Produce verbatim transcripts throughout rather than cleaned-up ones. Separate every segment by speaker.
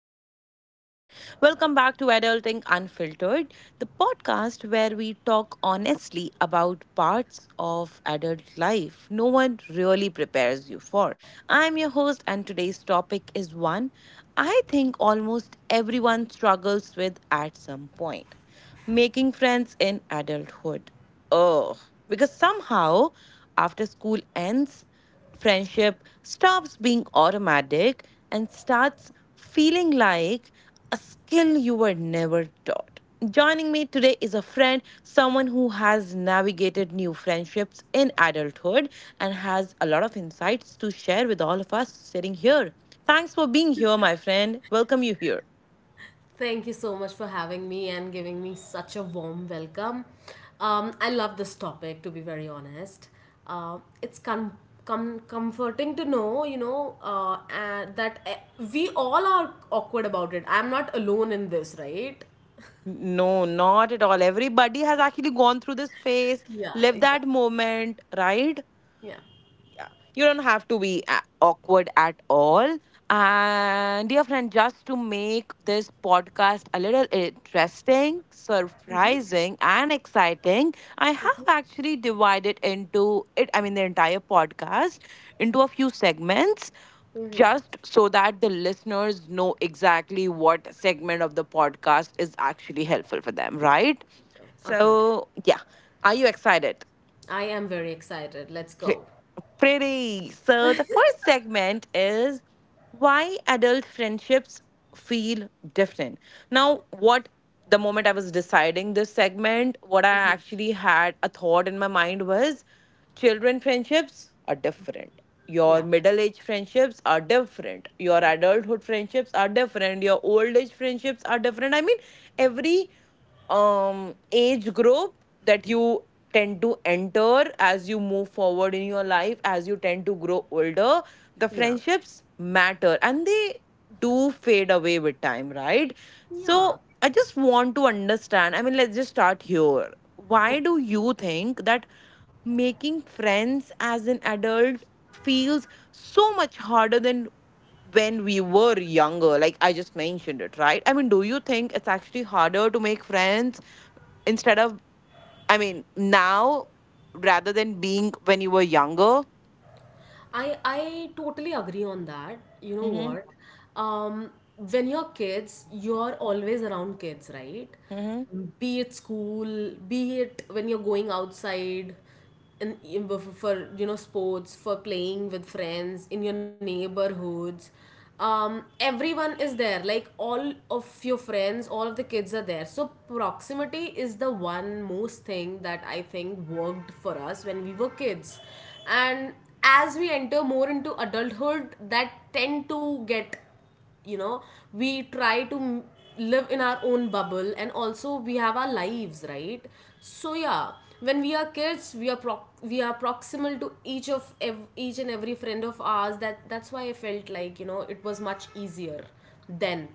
Speaker 1: actually do it? Welcome back to Adulting Unfiltered, the podcast where we talk honestly about parts of adult life no one really prepares you for. I'm your host, and today's topic is one I think almost everyone struggles with at some point making friends in adulthood. Oh, because somehow after school ends, friendship stops being automatic and starts feeling like a skill you were never taught. Joining me today is a friend, someone who has navigated new friendships in adulthood and has a lot of insights to share with all of us sitting here. Thanks for being here, my friend. Welcome you here.
Speaker 2: Thank you so much for having me and giving me such a warm welcome. Um, I love this topic, to be very honest. Uh, it's com- com- comforting to know, you know, uh, and that eh, we all are awkward about it. I'm not alone in this, right?
Speaker 1: No, not at all. Everybody has actually gone through this phase,
Speaker 2: Yeah,
Speaker 1: lived
Speaker 2: exactly.
Speaker 1: that moment, right?
Speaker 2: Yeah.
Speaker 1: Yeah, you don't have to be a- awkward at all. And dear friend, just to make this podcast a little interesting, surprising and exciting, I have actually divided into it, I mean the entire podcast, into a few segments, just so that the listeners know exactly what segment of the podcast is actually helpful for them, right?
Speaker 2: Okay. Okay.
Speaker 1: So yeah, are you excited?
Speaker 2: I am very excited. Let's
Speaker 1: Pre-
Speaker 2: go.
Speaker 1: Pretty. So the first segment is why adult friendships feel different. Now, what the moment I was deciding this segment, what I actually had a thought in my mind was children friendships are different. Your
Speaker 2: Yeah.
Speaker 1: middle age friendships are different. Your adulthood friendships are different. Your old age friendships are different. I mean, every um age group that you tend to enter as you move forward in your life, as you tend to grow older, the
Speaker 2: Yeah.
Speaker 1: friendships matter and they do fade away with time, right?
Speaker 2: Yeah.
Speaker 1: So I just want to understand. I mean, let's just start here. Why do you think that making friends as an adult feels so much harder than when we were younger, like I just mentioned it, right? I mean, do you think it's actually harder to make friends instead of, I mean, now rather than being when you were younger?
Speaker 2: I I totally agree on that. You know
Speaker 1: Mm-hmm.
Speaker 2: what? Um, when you're kids, you're always around kids, right? Be it school, be it when you're going outside, and for for, you know sports, for playing with friends in your neighborhoods. Um, everyone is there, like all of your friends, all of the kids are there, so proximity is the one most thing that I think worked for us when we were kids. And as we enter more into adulthood, that tend to get, you know we try to m- live in our own bubble, and also we have our lives, right? So yeah, when we are kids, we are pro- we are proximal to each of ev- each and every friend of ours. That that's why I felt like, you know it was much easier then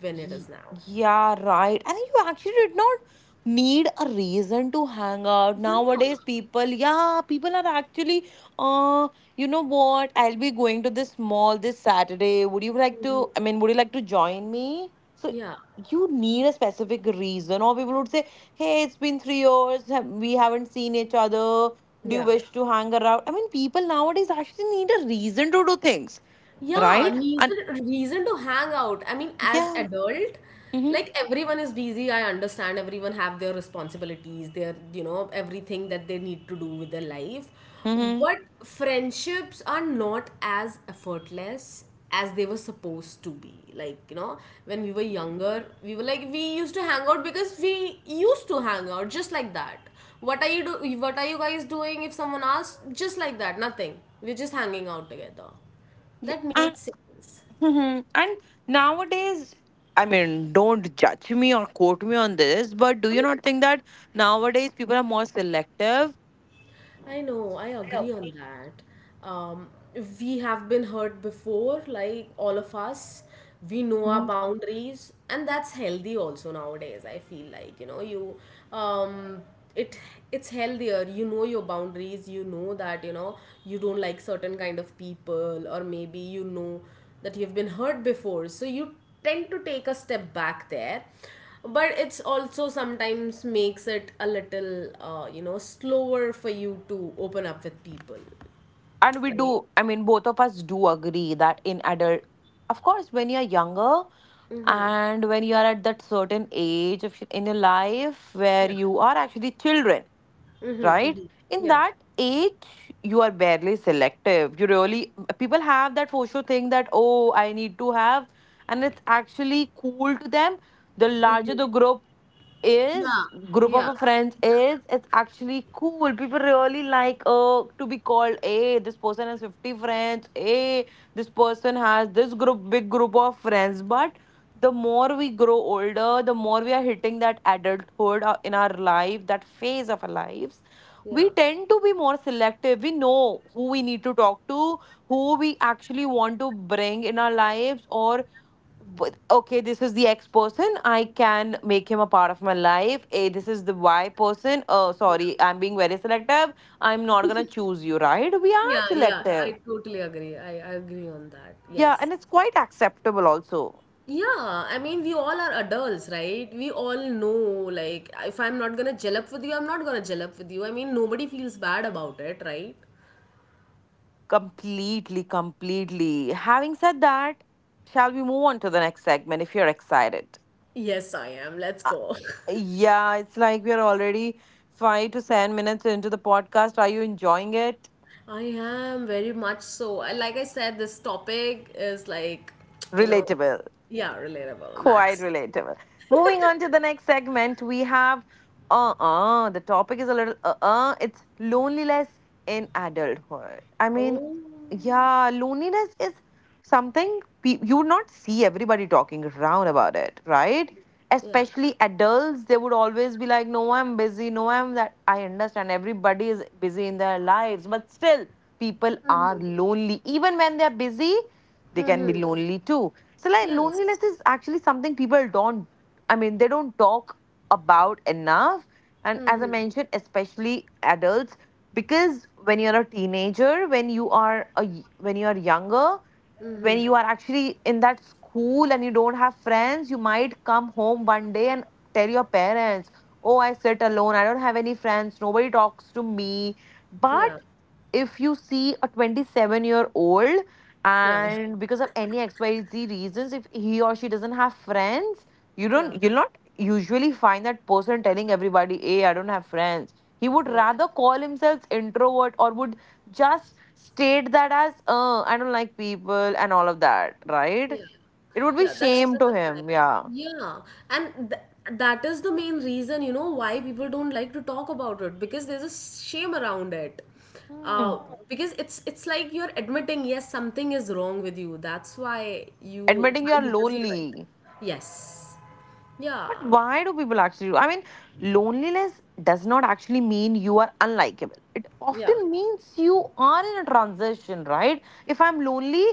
Speaker 2: when it
Speaker 1: Ye-
Speaker 2: is now.
Speaker 1: Yeah, right. And you actually did not need a reason to hang out. Nowadays, people, yeah, people are actually, uh, you know what? I'll be going to this mall this Saturday. Would you like to, I mean, would you like to join me? So
Speaker 2: Yeah.
Speaker 1: you need a specific reason. Or people would say, hey, it's been three years. ha- We haven't seen each other. Do you
Speaker 2: Yeah.
Speaker 1: wish to hang around? I mean, people nowadays actually need a reason to do things,
Speaker 2: Yeah,
Speaker 1: right? And
Speaker 2: reason reason to hang out. I mean, as
Speaker 1: yeah.
Speaker 2: adult,
Speaker 1: Mm-hmm.
Speaker 2: like everyone is busy. I understand everyone have their responsibilities, their, you know, everything that they need to do with their life.
Speaker 1: Mm-hmm.
Speaker 2: But friendships are not as effortless as they were supposed to be. Like, you know, when we were younger, we were like we used to hang out because we used to hang out just like that. What are you do what are you guys doing if someone asks? Just like that, nothing. We're just hanging out together. That made sense.
Speaker 1: Hmm. And nowadays, I mean, don't judge me or quote me on this, but do you not think that nowadays people are more selective?
Speaker 2: I know, I
Speaker 1: I
Speaker 2: agree on
Speaker 1: agree.
Speaker 2: that. Um, we have been hurt before, like all of us. We know our
Speaker 1: Mhm.
Speaker 2: boundaries, and that's healthy also nowadays. I feel like you know you, um, it it's healthier. You know your boundaries. You know that, you know you don't like certain kind of people, or maybe you know that you've been hurt before, so you tend to take a step back there, but it's also sometimes makes it a little uh, you know slower for you to open up with people,
Speaker 1: And we
Speaker 2: right?
Speaker 1: do, I mean, both of us do agree that in adult, of course, when you're younger and when you are at that certain age of, in your life where
Speaker 2: Yeah.
Speaker 1: you are actually children,
Speaker 2: Mm-hmm,
Speaker 1: right,
Speaker 2: mm-hmm.
Speaker 1: in
Speaker 2: Yeah.
Speaker 1: that age you are barely selective. You really people have that for sure thing that, oh, I need to have, and it's actually cool to them, the larger the group
Speaker 2: Yeah.
Speaker 1: is, group of
Speaker 2: Yeah.
Speaker 1: a friends is, it's actually cool. People really like, uh, to be called, hey, this person has fifty friends, hey, this person has this group, big group of friends. But the more we grow older, the more we are hitting that adulthood, uh, in our life, that phase of our lives, we
Speaker 2: Yeah.
Speaker 1: tend to be more selective. We know who we need to talk to, who we actually want to bring in our lives, or with- okay, this is the X person. I can make him a part of my life. A, this is the Y person. Oh, sorry, I'm being very selective. I'm not gonna choose you, right? We are
Speaker 2: Yeah. Yeah, I
Speaker 1: selective.
Speaker 2: totally agree. I, I agree on that,
Speaker 1: Yeah,
Speaker 2: yes.
Speaker 1: and it's quite acceptable also.
Speaker 2: Yeah, I mean, we all are adults, right? We all know, like, if I'm not gonna gel up with you, I'm not gonna gel up with you. I mean, nobody feels bad about it, right?
Speaker 1: Completely, completely. Having said that, shall we move on to the next segment if you're excited?
Speaker 2: Yes, I am. Let's
Speaker 1: Uh,
Speaker 2: go.
Speaker 1: yeah, it's like we're already five to seven minutes into the podcast. Are you enjoying it?
Speaker 2: I am very much so. I- Like I said, this topic is like, you know,
Speaker 1: Relatable.
Speaker 2: yeah, relatable,
Speaker 1: Quite
Speaker 2: Max.
Speaker 1: relatable. Moving on to the next segment, we have uh uh the topic is a little uh uh it's loneliness in adulthood. I mean,
Speaker 2: Oh,
Speaker 1: yeah, loneliness is something pe- you would not see everybody talking around about it, right?
Speaker 2: yeah.
Speaker 1: Especially adults, they would always be like, no, I'm busy, no, I'm that. I understand everybody is busy in their lives, but still, people are lonely. Even when they're busy, they can be
Speaker 2: Mm-hmm.
Speaker 1: lonely too. So like,
Speaker 2: Yes.
Speaker 1: loneliness is actually something people don't, I mean, they don't talk about enough. And as I mentioned, especially adults, because when you're a teenager, when you are a, y- when you are younger, when you are actually in that school and you don't have friends, you might come home one day and tell your parents, oh, I sit alone, I don't have any friends, nobody talks to me. But
Speaker 2: Yeah.
Speaker 1: if you see a twenty-seven year old,
Speaker 2: Yeah.
Speaker 1: and because of any xyz reasons, if he or she doesn't have friends, you
Speaker 2: Yeah.
Speaker 1: don't, you'll not usually find that person telling everybody, hey, I don't have friends. He would
Speaker 2: Yeah.
Speaker 1: rather call himself introvert, or would just state that as, uh, I don't like people and all of that,
Speaker 2: Yeah.
Speaker 1: right? It would
Speaker 2: Yeah,
Speaker 1: be
Speaker 2: that's
Speaker 1: shame
Speaker 2: that's
Speaker 1: to
Speaker 2: correct.
Speaker 1: him, yeah.
Speaker 2: Yeah, and th that is the main reason, you know, why people don't like to talk about it, because there's a shame around it.
Speaker 1: Hmm.
Speaker 2: Uh, because it's it's like you're admitting, yes, something is wrong with you. That's why you
Speaker 1: Admitting you're
Speaker 2: find it difficult.
Speaker 1: lonely.
Speaker 2: Yes.
Speaker 1: But
Speaker 2: Yeah.
Speaker 1: why do people actually do? I mean, loneliness does not actually mean you are unlikable. It
Speaker 2: Yeah.
Speaker 1: often means you are in a transition, right? If I'm lonely,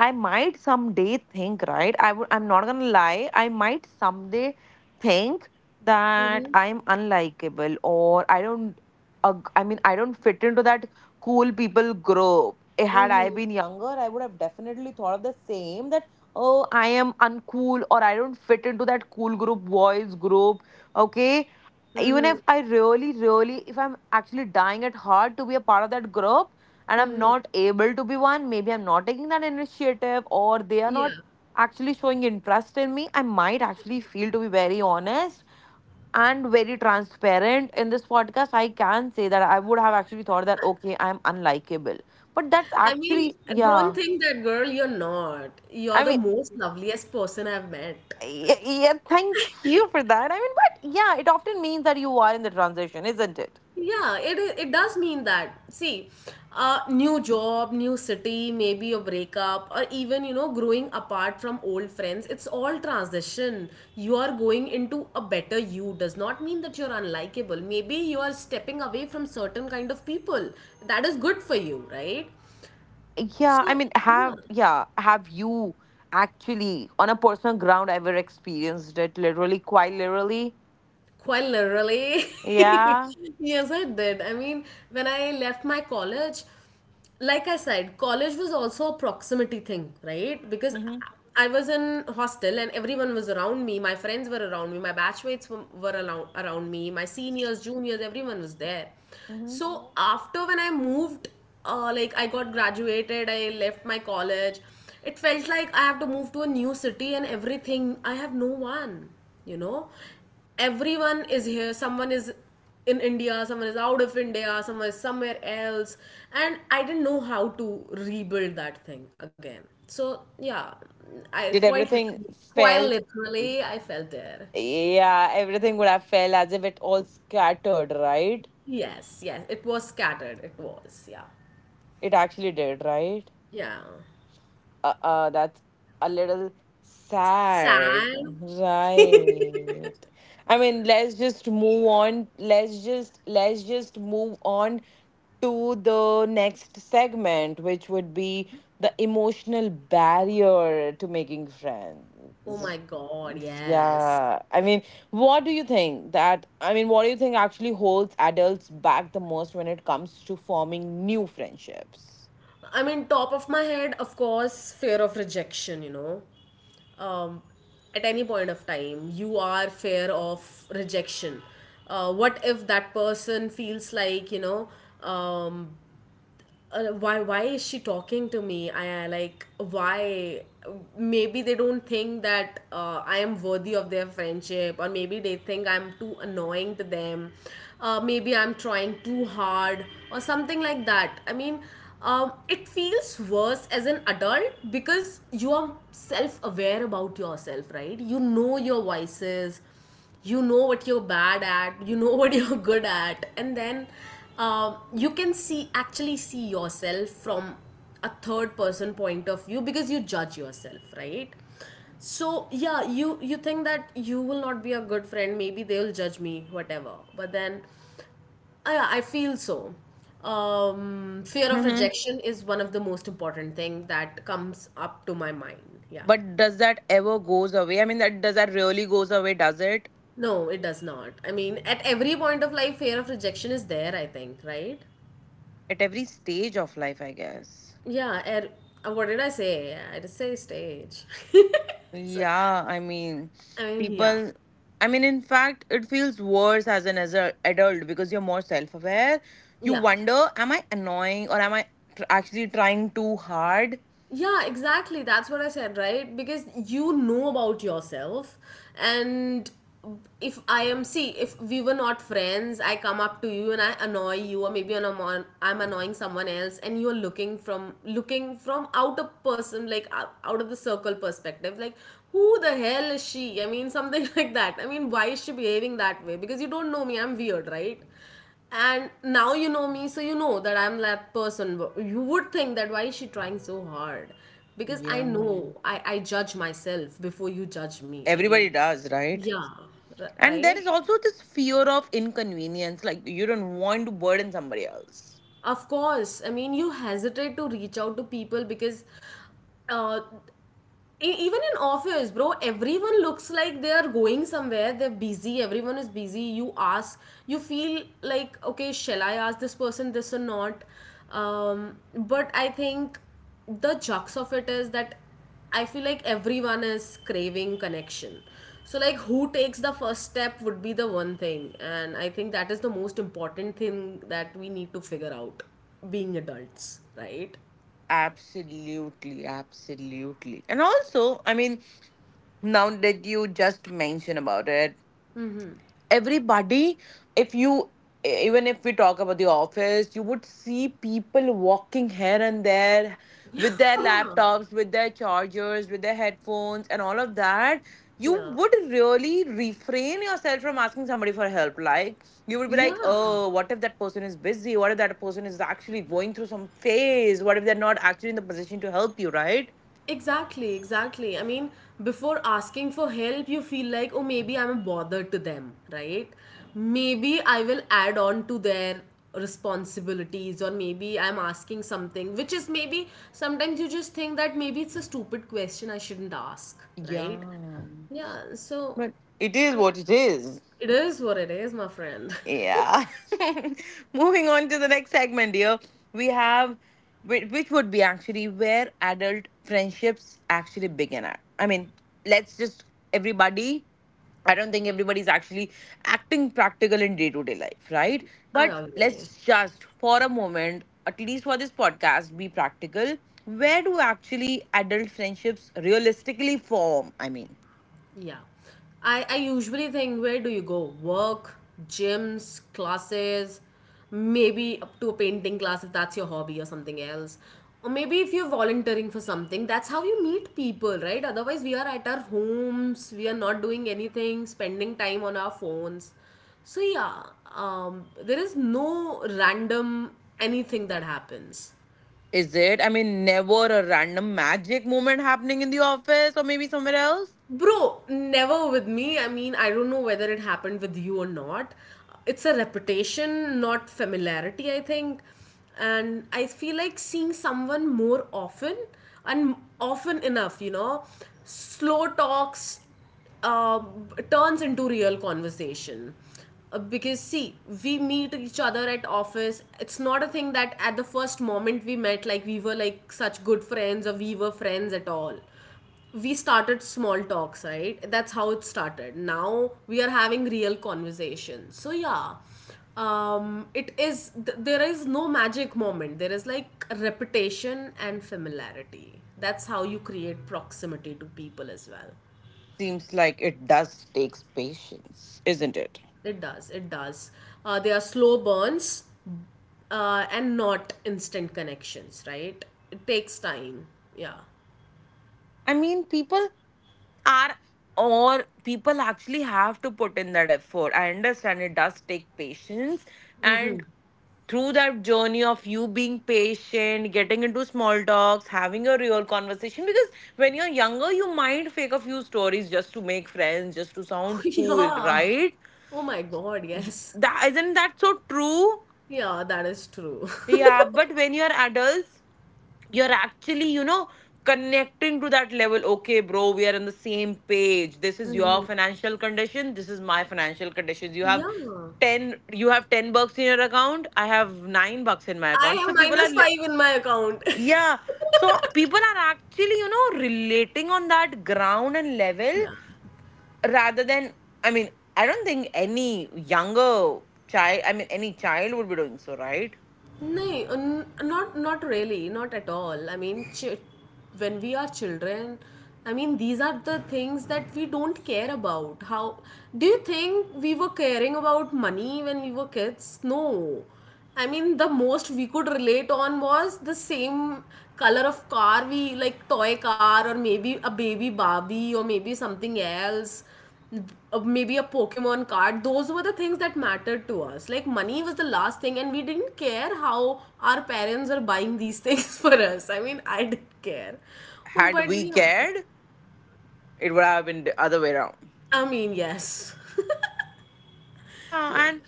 Speaker 1: I might someday think, right? I would, I'm not gonna lie, I might someday think that
Speaker 2: Mm-hmm.
Speaker 1: I'm unlikable, or I don't ag- I mean I don't fit into that cool people group. Eh, had I
Speaker 2: Mm-hmm.
Speaker 1: been younger, I would have definitely thought of the same, that oh, I am uncool, or I don't fit into that cool group, boys group. Okay, even
Speaker 2: Mm-hmm.
Speaker 1: if I really, really, if I'm actually dying at heart to be a part of that group, and I'm
Speaker 2: Mm-hmm.
Speaker 1: not able to be one, maybe I'm not taking that initiative, or they are
Speaker 2: Yeah.
Speaker 1: not actually showing interest in me, I might actually feel, to be very honest and very transparent in this podcast, I can say that I would have actually thought that, okay, I'm unlikable. But that's
Speaker 2: I mean,
Speaker 1: actually,
Speaker 2: don't
Speaker 1: yeah.
Speaker 2: think that, girl, you're not. You're
Speaker 1: I
Speaker 2: the
Speaker 1: mean,
Speaker 2: most loveliest person I've met.
Speaker 1: yeah, yeah, thank you for that. I mean, but yeah, it often means that you are in the transition, isn't it?
Speaker 2: Yeah, it i- it does mean that. See, uh, new job, new city, maybe a breakup, or even you know, growing apart from old friends. It's all transition. You are going into a better you. Does not mean that you're unlikable. Maybe you are stepping away from certain kind of people. That is good for you, right?
Speaker 1: Yeah, I
Speaker 2: So
Speaker 1: mean,
Speaker 2: yeah,
Speaker 1: have, yeah, have you actually on a personal ground ever experienced it literally, quite literally?
Speaker 2: quite literally.
Speaker 1: Yeah.
Speaker 2: Yes, I did. I mean, when I left my college, like I said, college was also a proximity thing, right? Because
Speaker 1: Mm-hmm.
Speaker 2: I was in hostel and everyone was around me. My friends were around me. My batchmates were, were around, around me. My seniors, juniors, everyone was there.
Speaker 1: Mm-hmm.
Speaker 2: So after when I moved, uh, like I got graduated, I left my college. It felt like I have to move to a new city and everything. I have no one, you know. Everyone is here. Someone is in India. Someone is out of India. Someone is somewhere else. And I didn't know how to rebuild that thing again. So yeah, I
Speaker 1: Did
Speaker 2: quite
Speaker 1: everything
Speaker 2: literally, quite
Speaker 1: felt?
Speaker 2: literally, I felt there.
Speaker 1: Yeah, everything would have felt as if it all scattered, right?
Speaker 2: Yes, yes. It was scattered. It was. Yeah.
Speaker 1: It actually did, right?
Speaker 2: Yeah.
Speaker 1: Uh, uh that's a little sad,
Speaker 2: Sand?
Speaker 1: right? I mean, let's just move on. Let's just let's just move on to the next segment, which would be the emotional barrier to making
Speaker 2: Oh
Speaker 1: friends.
Speaker 2: my God, yes.
Speaker 1: Yeah. I mean, what do you think that, I mean, what do you think actually holds adults back the most when it comes to forming new friendships?
Speaker 2: I mean, top of my head, of course, fear of rejection, you know. Um, at any point of time, you are fear of rejection. Uh, what if that person feels like, you know, um, uh, why why is she talking to me? I I, like, why maybe they don't think that uh, I am worthy of their friendship? Or maybe they think I'm too annoying to them. Uh, maybe I'm trying too hard or something like that, I mean. Um, it feels worse as an adult because you are self-aware about yourself, right? You know your vices. You know what you're bad at. You know what you're good at. And then um, you can see actually see yourself from a third person point of view because you judge yourself, right? So yeah, you you think that you will not be a good friend, maybe they'll judge me, whatever. But then i, I feel so. Um, fear of
Speaker 1: Hmm.
Speaker 2: rejection is one of the most important thing that comes up to my mind, yeah.
Speaker 1: But does that ever goes away? I mean, that, does that really goes away? Does it
Speaker 2: No, it does not. I mean, at every point of life, fear of rejection is there, I think, right?
Speaker 1: at every stage of life? I guess.
Speaker 2: Yeah, er, uh, what did I say? I just say stage. So,
Speaker 1: Yeah, I mean,
Speaker 2: I mean, yeah.
Speaker 1: people. I mean, in fact, it feels worse as an as a adult because you're more self aware. You
Speaker 2: Yeah.
Speaker 1: wonder, am I annoying, or am I tr- actually trying too hard?
Speaker 2: Yeah, exactly. That's what I said, right? Because you know about yourself. And if I am, see, if we were not friends, I come up to you and I annoy you, or maybe I'm, anno- I'm annoying someone else, and you're looking from looking from out a person, like out out of the circle perspective, like, who the hell is she? I mean, something like that. I mean, why is she behaving that way? Because you don't know me. I'm weird, right? And now you know me, so you know that I'm that person. You would think that why is she trying so hard? Because i
Speaker 1: Yeah.
Speaker 2: know i i judge myself before you judge me, I mean.
Speaker 1: Everybody does, right?
Speaker 2: Yeah. r-
Speaker 1: And there
Speaker 2: right
Speaker 1: is also this fear of inconvenience. Like, you don't want to burden somebody else.
Speaker 2: Of course, I mean, you hesitate to reach out to people because uh, E- even in office, bro, everyone looks like they are going somewhere, they're busy. Everyone is busy. You ask, you feel like, okay, shall I ask this person this or not? Um, but I think the jux of it is that I feel like everyone is craving connection. So, like, who takes the first step would be the one thing, and I think that is the most important thing that we need to figure out, being adults, right?
Speaker 1: Absolutely, absolutely. And also, I mean, now that you just mention about it, everybody if you e- even if we talk about the office, you would see people walking here and there with their
Speaker 2: Yeah.
Speaker 1: laptops, with their chargers, with their headphones and all of that. You
Speaker 2: Yeah.
Speaker 1: would really refrain yourself from asking somebody for help. Like, you would be like,
Speaker 2: Yeah.
Speaker 1: oh, what if that person is busy, what if that person is actually going through some phase, what if they're not actually in the position to help you, right?
Speaker 2: Exactly, exactly. I mean, before asking for help, you feel like, oh, maybe I'm a bother to them, right? Maybe I will add on to their responsibilities, or maybe I'm asking something, which is, maybe sometimes you just think that maybe it's a stupid question I shouldn't ask, right?
Speaker 1: Yeah,
Speaker 2: Yeah, so
Speaker 1: but it is what it is.
Speaker 2: it is what it is, my friend.
Speaker 1: Yeah. Moving on to the next segment, dear. We have, whi- which would be actually where adult friendships actually begin at. I mean, let's just, everybody, I don't think everybody's actually acting practical in day to day life, right?
Speaker 2: I
Speaker 1: But
Speaker 2: agree.
Speaker 1: let's just, for a moment, at least for this podcast, be practical. Where do actually adult friendships realistically form? I mean,
Speaker 2: Yeah. I, I usually think, where do you go? Work, gyms, classes, maybe up to a painting class if that's your hobby or something else. Or maybe if you're volunteering for something, that's how you meet people, right? Otherwise, we are at our homes, we are not doing anything, spending time on our phones. So, yeah, um, there is no random anything that happens.
Speaker 1: is it? I mean, never a random magic moment happening in the office or maybe somewhere else?
Speaker 2: Bro, never with me. I mean, I don't know whether it happened with you or not. It's a reputation, not familiarity, I think. And I feel like seeing someone more often and often enough, you know, slow talks uh, turns into real conversation. Uh, because see, we meet each other at office. It's not a thing that at the first moment we met, like, we were like such good friends, or we were friends at all. We started small talks, right? That's how it started. Now we are having real conversations. So yeah, um it is th- there is no magic moment. There is like repetition and familiarity. That's how you create proximity to people as well.
Speaker 1: Seems like it does takes patience, isn't it?
Speaker 2: It does, it does. Uh, they are slow burns, uh, and not instant connections, right? It takes time. Yeah.
Speaker 1: I mean, people are or people actually have to put in that effort. I understand it does take patience, and through that journey of you being patient, getting into small talks, having a real conversation, because when you're younger you might fake a few stories just to make friends, just to sound cool,
Speaker 2: Yeah.
Speaker 1: right?
Speaker 2: Oh my God,
Speaker 1: Y-
Speaker 2: yes.
Speaker 1: that Isn't that so true?
Speaker 2: Yeah, that is true.
Speaker 1: Yeah, but when you're adults, you're actually, you know, connecting to that level. Okay bro, we are on the same page. This is your financial condition, this is my financial conditions. You have
Speaker 2: Yeah.
Speaker 1: ten, you have ten bucks in your account, I have nine bucks in my
Speaker 2: I
Speaker 1: account. So
Speaker 2: have
Speaker 1: people are
Speaker 2: minus
Speaker 1: li-
Speaker 2: five in my account.
Speaker 1: yeah, so people are actually, you know, relating on that ground and level,
Speaker 2: Yeah.
Speaker 1: rather than, i mean I don't think any younger child, I mean any child, would be doing so, right?
Speaker 2: No, n- not not really, not at all. I mean, ch- when we are children, I mean, these are the things that we don't care about. How do you think we were caring about money when we were kids? No. I mean, the most we could relate on was the same color of car we like toy car or maybe a baby Barbie or maybe something else uh, maybe a Pokemon card. Those were the things that mattered to us. Like money was the last thing, and we didn't care how our parents were buying these things for us. I mean, I didn't care,
Speaker 1: Had
Speaker 2: but
Speaker 1: we
Speaker 2: yeah,
Speaker 1: cared, it would have been the other way around.
Speaker 2: I mean, yes, yeah,
Speaker 1: Yeah, and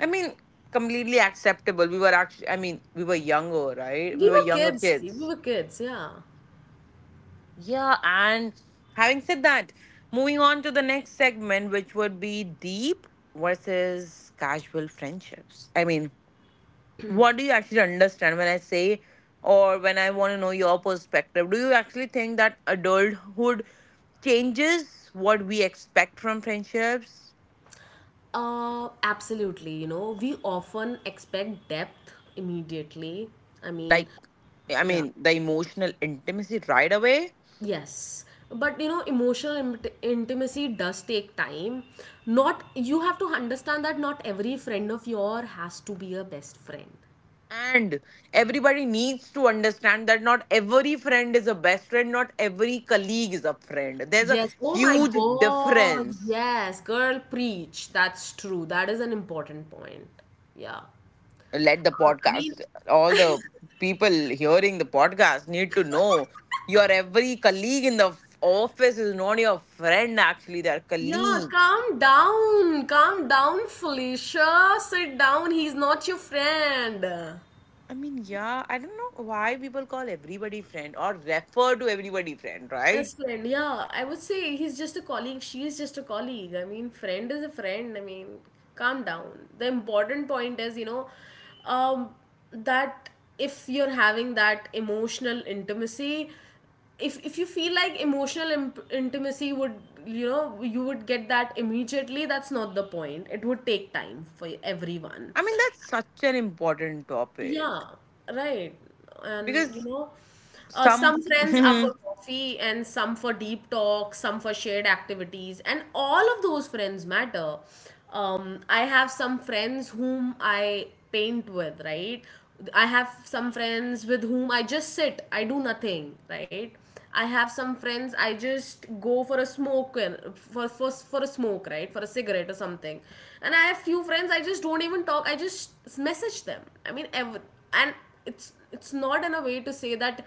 Speaker 1: I mean, completely acceptable. We were actually, I mean, we were younger, right?
Speaker 2: we
Speaker 1: We were
Speaker 2: were
Speaker 1: younger
Speaker 2: kids. We
Speaker 1: kids.
Speaker 2: were kids. Yeah.
Speaker 1: Yeah, and having said that, moving on to the next segment, which would be deep versus casual friendships. I mean, what do you actually understand when I say, or when I want to know your perspective? Do you actually think that adulthood changes what we expect from friendships?
Speaker 2: Uh, absolutely. You know, we often expect depth immediately. I mean,
Speaker 1: Like, I
Speaker 2: yeah.
Speaker 1: mean, the emotional intimacy right away.
Speaker 2: Yes, but you know, emotional int- intimacy does take time. Not you have to understand that not every friend of yours has to be a best friend.
Speaker 1: And everybody needs to understand that not every friend is a best friend, not every colleague is a friend. There's a
Speaker 2: Yes. Oh my
Speaker 1: huge
Speaker 2: God.
Speaker 1: difference.
Speaker 2: Yes, girl, preach. That's true. That is an important point. Yeah.
Speaker 1: Let the
Speaker 2: Uh, I mean,
Speaker 1: podcast, all the people hearing the podcast need to know, your every colleague in the f- office is not your friend, actually they're
Speaker 2: yeah,
Speaker 1: colleagues.
Speaker 2: calm down. Calm down, Felicia. Sit down. He's not your friend.
Speaker 1: I mean, yeah, I don't know why people call everybody friend or refer to everybody friend, right?
Speaker 2: As friend, yeah, I would say he's just a colleague. She's just a colleague. I mean, friend is a friend. I mean, calm down. The important point is, you know, um, that if you're having that emotional intimacy, if if you feel like emotional imp- intimacy would, you know, you would get that immediately. That's not the point. It would take time for everyone.
Speaker 1: I mean, that's such an important topic,
Speaker 2: Yeah, right. And you
Speaker 1: because
Speaker 2: know, uh, some
Speaker 1: some
Speaker 2: friends are for coffee and some for deep talk, some for shared activities, and all of those friends matter. Um, I have some friends whom I paint with, right? I have some friends with whom I just sit, I do nothing, right? I have some friends. I just go for a smoke and- for for for a smoke, right? For a cigarette or something. And I have few friends. I just don't even talk. I just message them. I mean, ever and it's it's not in a way to say that.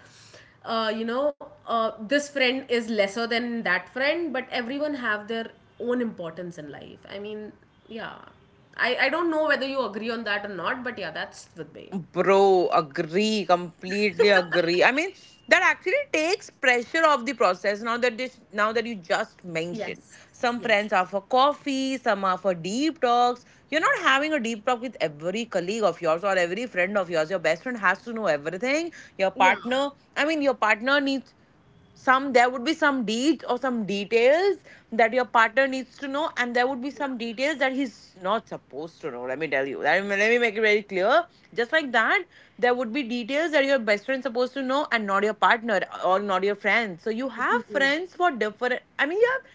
Speaker 2: Uh, you know, uh, this friend is lesser than that friend, but everyone have their own importance in life. I mean, yeah, I I don't know whether you agree on that or not, but yeah, that's with me.
Speaker 1: bro, agree, completely agree. I mean, that actually takes pressure off the process, now that this now that you just mentioned.
Speaker 2: Yes.
Speaker 1: Some
Speaker 2: Yes.
Speaker 1: friends are for coffee, some are for deep talks. You're not having a deep talk with every colleague of yours or every friend of yours. Your best friend has to know everything. Your
Speaker 2: Yeah.
Speaker 1: partner, I mean, your partner needs some, there would be some deeds or some details that your partner needs to know, and there would be some details that he's not supposed to know. Let me tell you, let me, let me make it very clear. Just like that, there would be details that your best friend's supposed to know and not your partner or not your friends. So you have friends for different, I mean, you have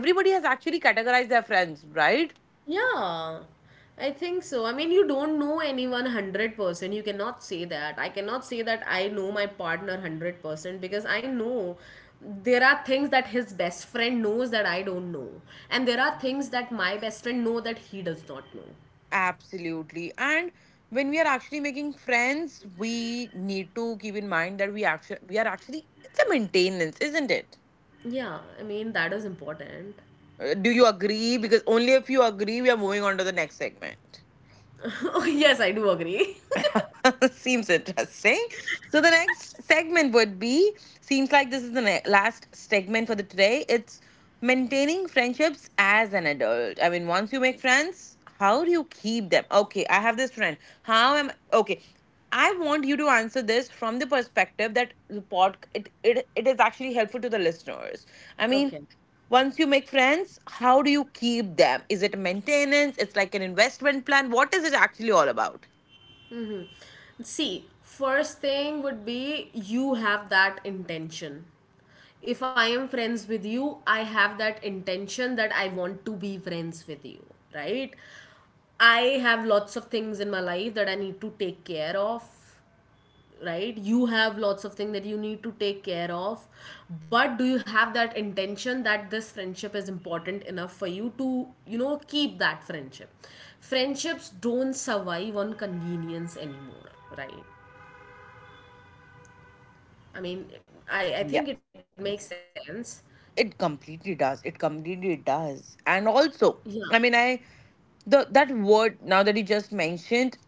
Speaker 1: everybody has actually categorized their friends, right?
Speaker 2: Yeah, I think so. I mean, you don't know anyone one hundred percent. You cannot say that. I cannot say that I know my partner one hundred percent because I know there are things that his best friend knows that I don't know. And there are things that my best friend know that he does not know.
Speaker 1: Absolutely. And when we are actually making friends, we need to keep in mind that we actually we are actually, it's a maintenance, isn't it?
Speaker 2: Yeah, I mean, that is important.
Speaker 1: Uh, Do you agree? Because only if you agree, we are moving on to the next segment.
Speaker 2: Oh, yes, I do agree.
Speaker 1: Seems interesting. So the next segment would be, seems like this is the ne- last segment for the today. It's maintaining friendships as an adult. I mean, once you make friends, how do you keep them? Okay, I have this friend. How am, okay? I want you to answer this from the perspective that the pod it, it, it is actually helpful to the listeners. I mean,
Speaker 2: Okay.
Speaker 1: once you make friends, how do you keep them? Is it maintenance? It's like an investment plan. What is it actually all about?
Speaker 2: See, first thing would be you have that intention. If I am friends with you, I have that intention that I want to be friends with you, right? I have lots of things in my life that I need to take care of, right? You have lots of things that you need to take care of, but do you have that intention that this friendship is important enough for you to, you know, keep that friendship? Friendships don't survive on convenience anymore, right? I mean, i, I think it makes sense.
Speaker 1: It completely does. It completely does. And
Speaker 2: Yeah,
Speaker 1: also, I mean, I the that word now that you just mentioned,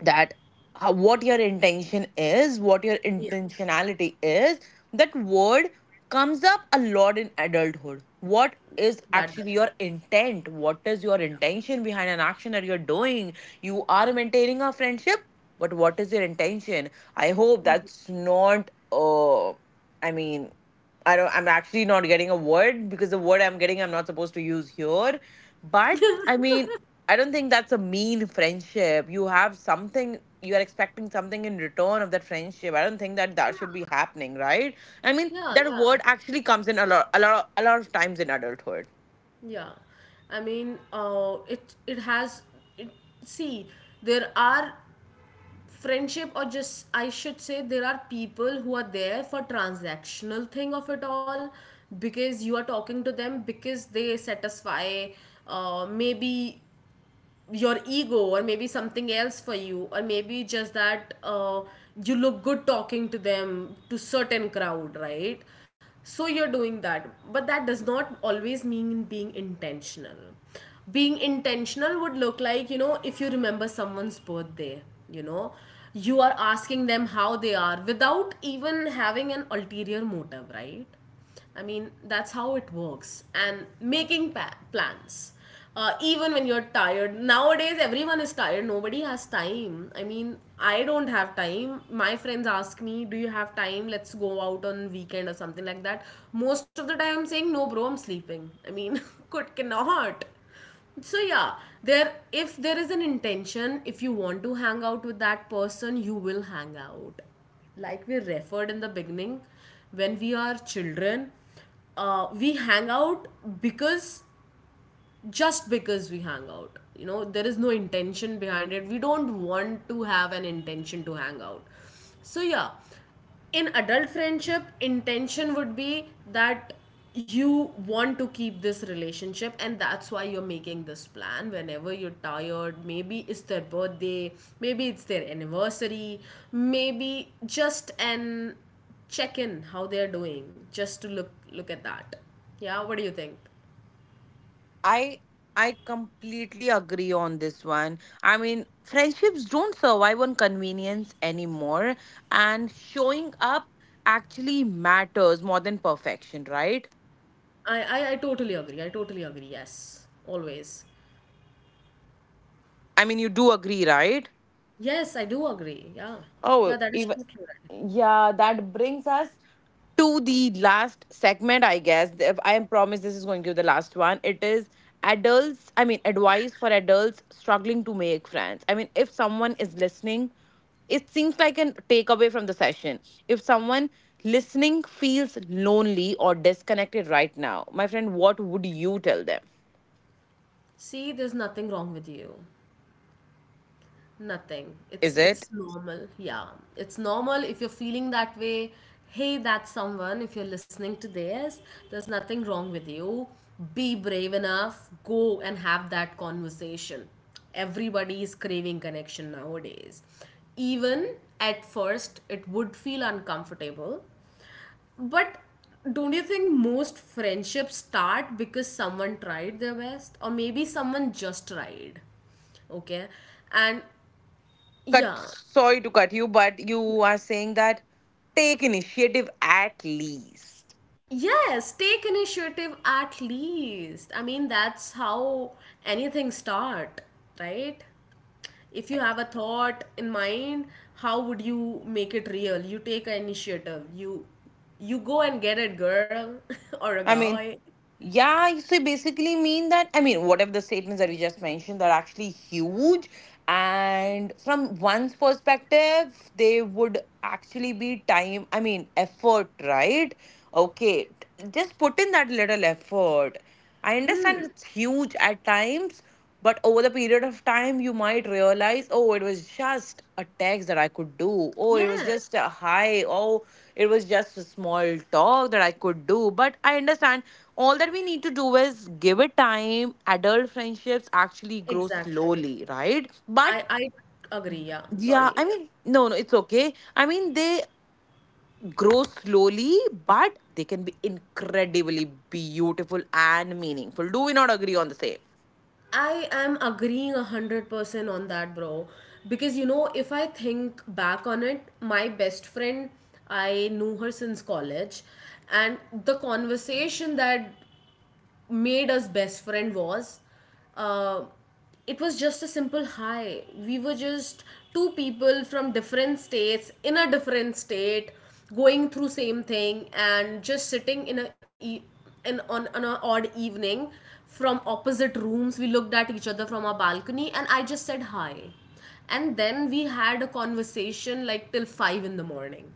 Speaker 1: that how, what your intention is, what your
Speaker 2: yeah,
Speaker 1: intentionality is, that word comes up a lot in adulthood. What is
Speaker 2: that
Speaker 1: actually
Speaker 2: does.
Speaker 1: your intent? What is your intention behind an action that you're doing? You are maintaining a friendship, but what is your intention? I hope
Speaker 2: Mhm.
Speaker 1: that's not, uh, I mean, I don't, I'm actually not getting a word, because the word I'm getting, I'm not supposed to use here. But I mean, I don't think that's a mean friendship. You have something, you are expecting something in return of that friendship. I don't think that that should
Speaker 2: Yeah,
Speaker 1: be happening, right? I mean,
Speaker 2: yeah,
Speaker 1: that
Speaker 2: yeah,
Speaker 1: word actually comes in a lot, a lot, a lot of times in adulthood.
Speaker 2: yeah, I mean, uh it it has it, see, there are friendship or just I should say there are people who are there for transactional thing of it all, because you are talking to them because they satisfy, uh, maybe your ego or maybe something else for you or maybe just that, uh, you look good talking to them to certain crowd, right? So you're doing that, but that does not always mean being intentional. Being intentional would look like, you know, if you remember someone's birthday, you know, you are asking them how they are without even having an ulterior motive, right? I mean, that's how it works. And making pa- plans. Uh, even when you're tired. Nowadays, everyone is tired. Nobody has time. I mean, I don't have time. My friends ask me, do you have time? Let's go out on weekend or something like that. Most of the time, I'm saying, no, bro, I'm sleeping. I mean, could cannot, so yeah, there if there is an intention, if you want to hang out with that person you will hang out. Like we referred in the beginning, when we are children, uh, we hang out because just because we hang out, you know, there is no intention behind it. We don't want to have an intention to hang out. So yeah, in adult friendship intention would be that you want to keep this relationship, and that's why you're making this plan whenever you're tired. Maybe it's their birthday, maybe it's their anniversary, maybe just an check in how they're doing, just to look look at that. Yeah, what do you think?
Speaker 1: I I completely agree on this one. I mean, friendships don't survive on convenience anymore, and showing up actually matters more than perfection, right?
Speaker 2: I, I, I totally agree. I totally agree. Yes, always.
Speaker 1: I mean, you do agree, right?
Speaker 2: Yes, I do agree. Yeah,
Speaker 1: Oh,
Speaker 2: yeah,
Speaker 1: even
Speaker 2: that is totally right.
Speaker 1: yeah, that brings us to the last segment, I guess. If I promise this is going to be the last one. It is adults, I mean, advice for adults struggling to make friends. I mean, if someone is listening, it seems like a takeaway from the session. If someone listening feels lonely or disconnected right now, my friend, what would you tell them?
Speaker 2: See, there's nothing wrong with you. Nothing. It's
Speaker 1: Is it
Speaker 2: it's normal. Yeah, it's normal if you're feeling that way. Hey, that's someone. If you're listening to this, there's nothing wrong with you. Be brave enough. Go and have that conversation. Everybody is craving connection nowadays. Even at first, it would feel uncomfortable. But don't you think most friendships start because someone tried their best? Or maybe someone just tried? Okay. And
Speaker 1: cut?
Speaker 2: yeah.
Speaker 1: Sorry to cut you, but you are saying that take initiative at least.
Speaker 2: Yes, take initiative at least. I mean, that's how anything start, right? If you have a thought in mind, how would you make it real? You take an initiative. You you go and get it, girl, or a
Speaker 1: I mean,
Speaker 2: guy.
Speaker 1: yeah, so you basically mean that, I mean, what if the statements that we just mentioned are actually huge, and from one's perspective, they would actually be time, I mean, effort, right? Okay, t- just put in that little effort. I
Speaker 2: Hmm.
Speaker 1: understand it's huge at times, but over the period of time, you might realize, oh, it was just a text that I could do. Oh, it was just
Speaker 2: Yes.
Speaker 1: a hi. Oh, it was just a small talk that I could do. But I understand all that we need to do is give it time. Adult friendships actually grow
Speaker 2: Exactly.
Speaker 1: slowly, right? But
Speaker 2: I I agree. Yeah,
Speaker 1: yeah,
Speaker 2: sorry.
Speaker 1: I mean, no, no, it's okay. I mean, they grow slowly, but they can be incredibly beautiful and meaningful. Do we not agree on the same?
Speaker 2: I am agreeing a hundred percent on that, bro. Because you know, if I think back on it, my best friend, I knew her since college, and the conversation that made us best friend was, uh, it was just a simple hi. We were just two people from different states in a different state, going through same thing, and just sitting in a e- in on, on an odd evening, from opposite rooms we looked at each other from our balcony and I just said hi, and then we had a conversation like till five in the morning.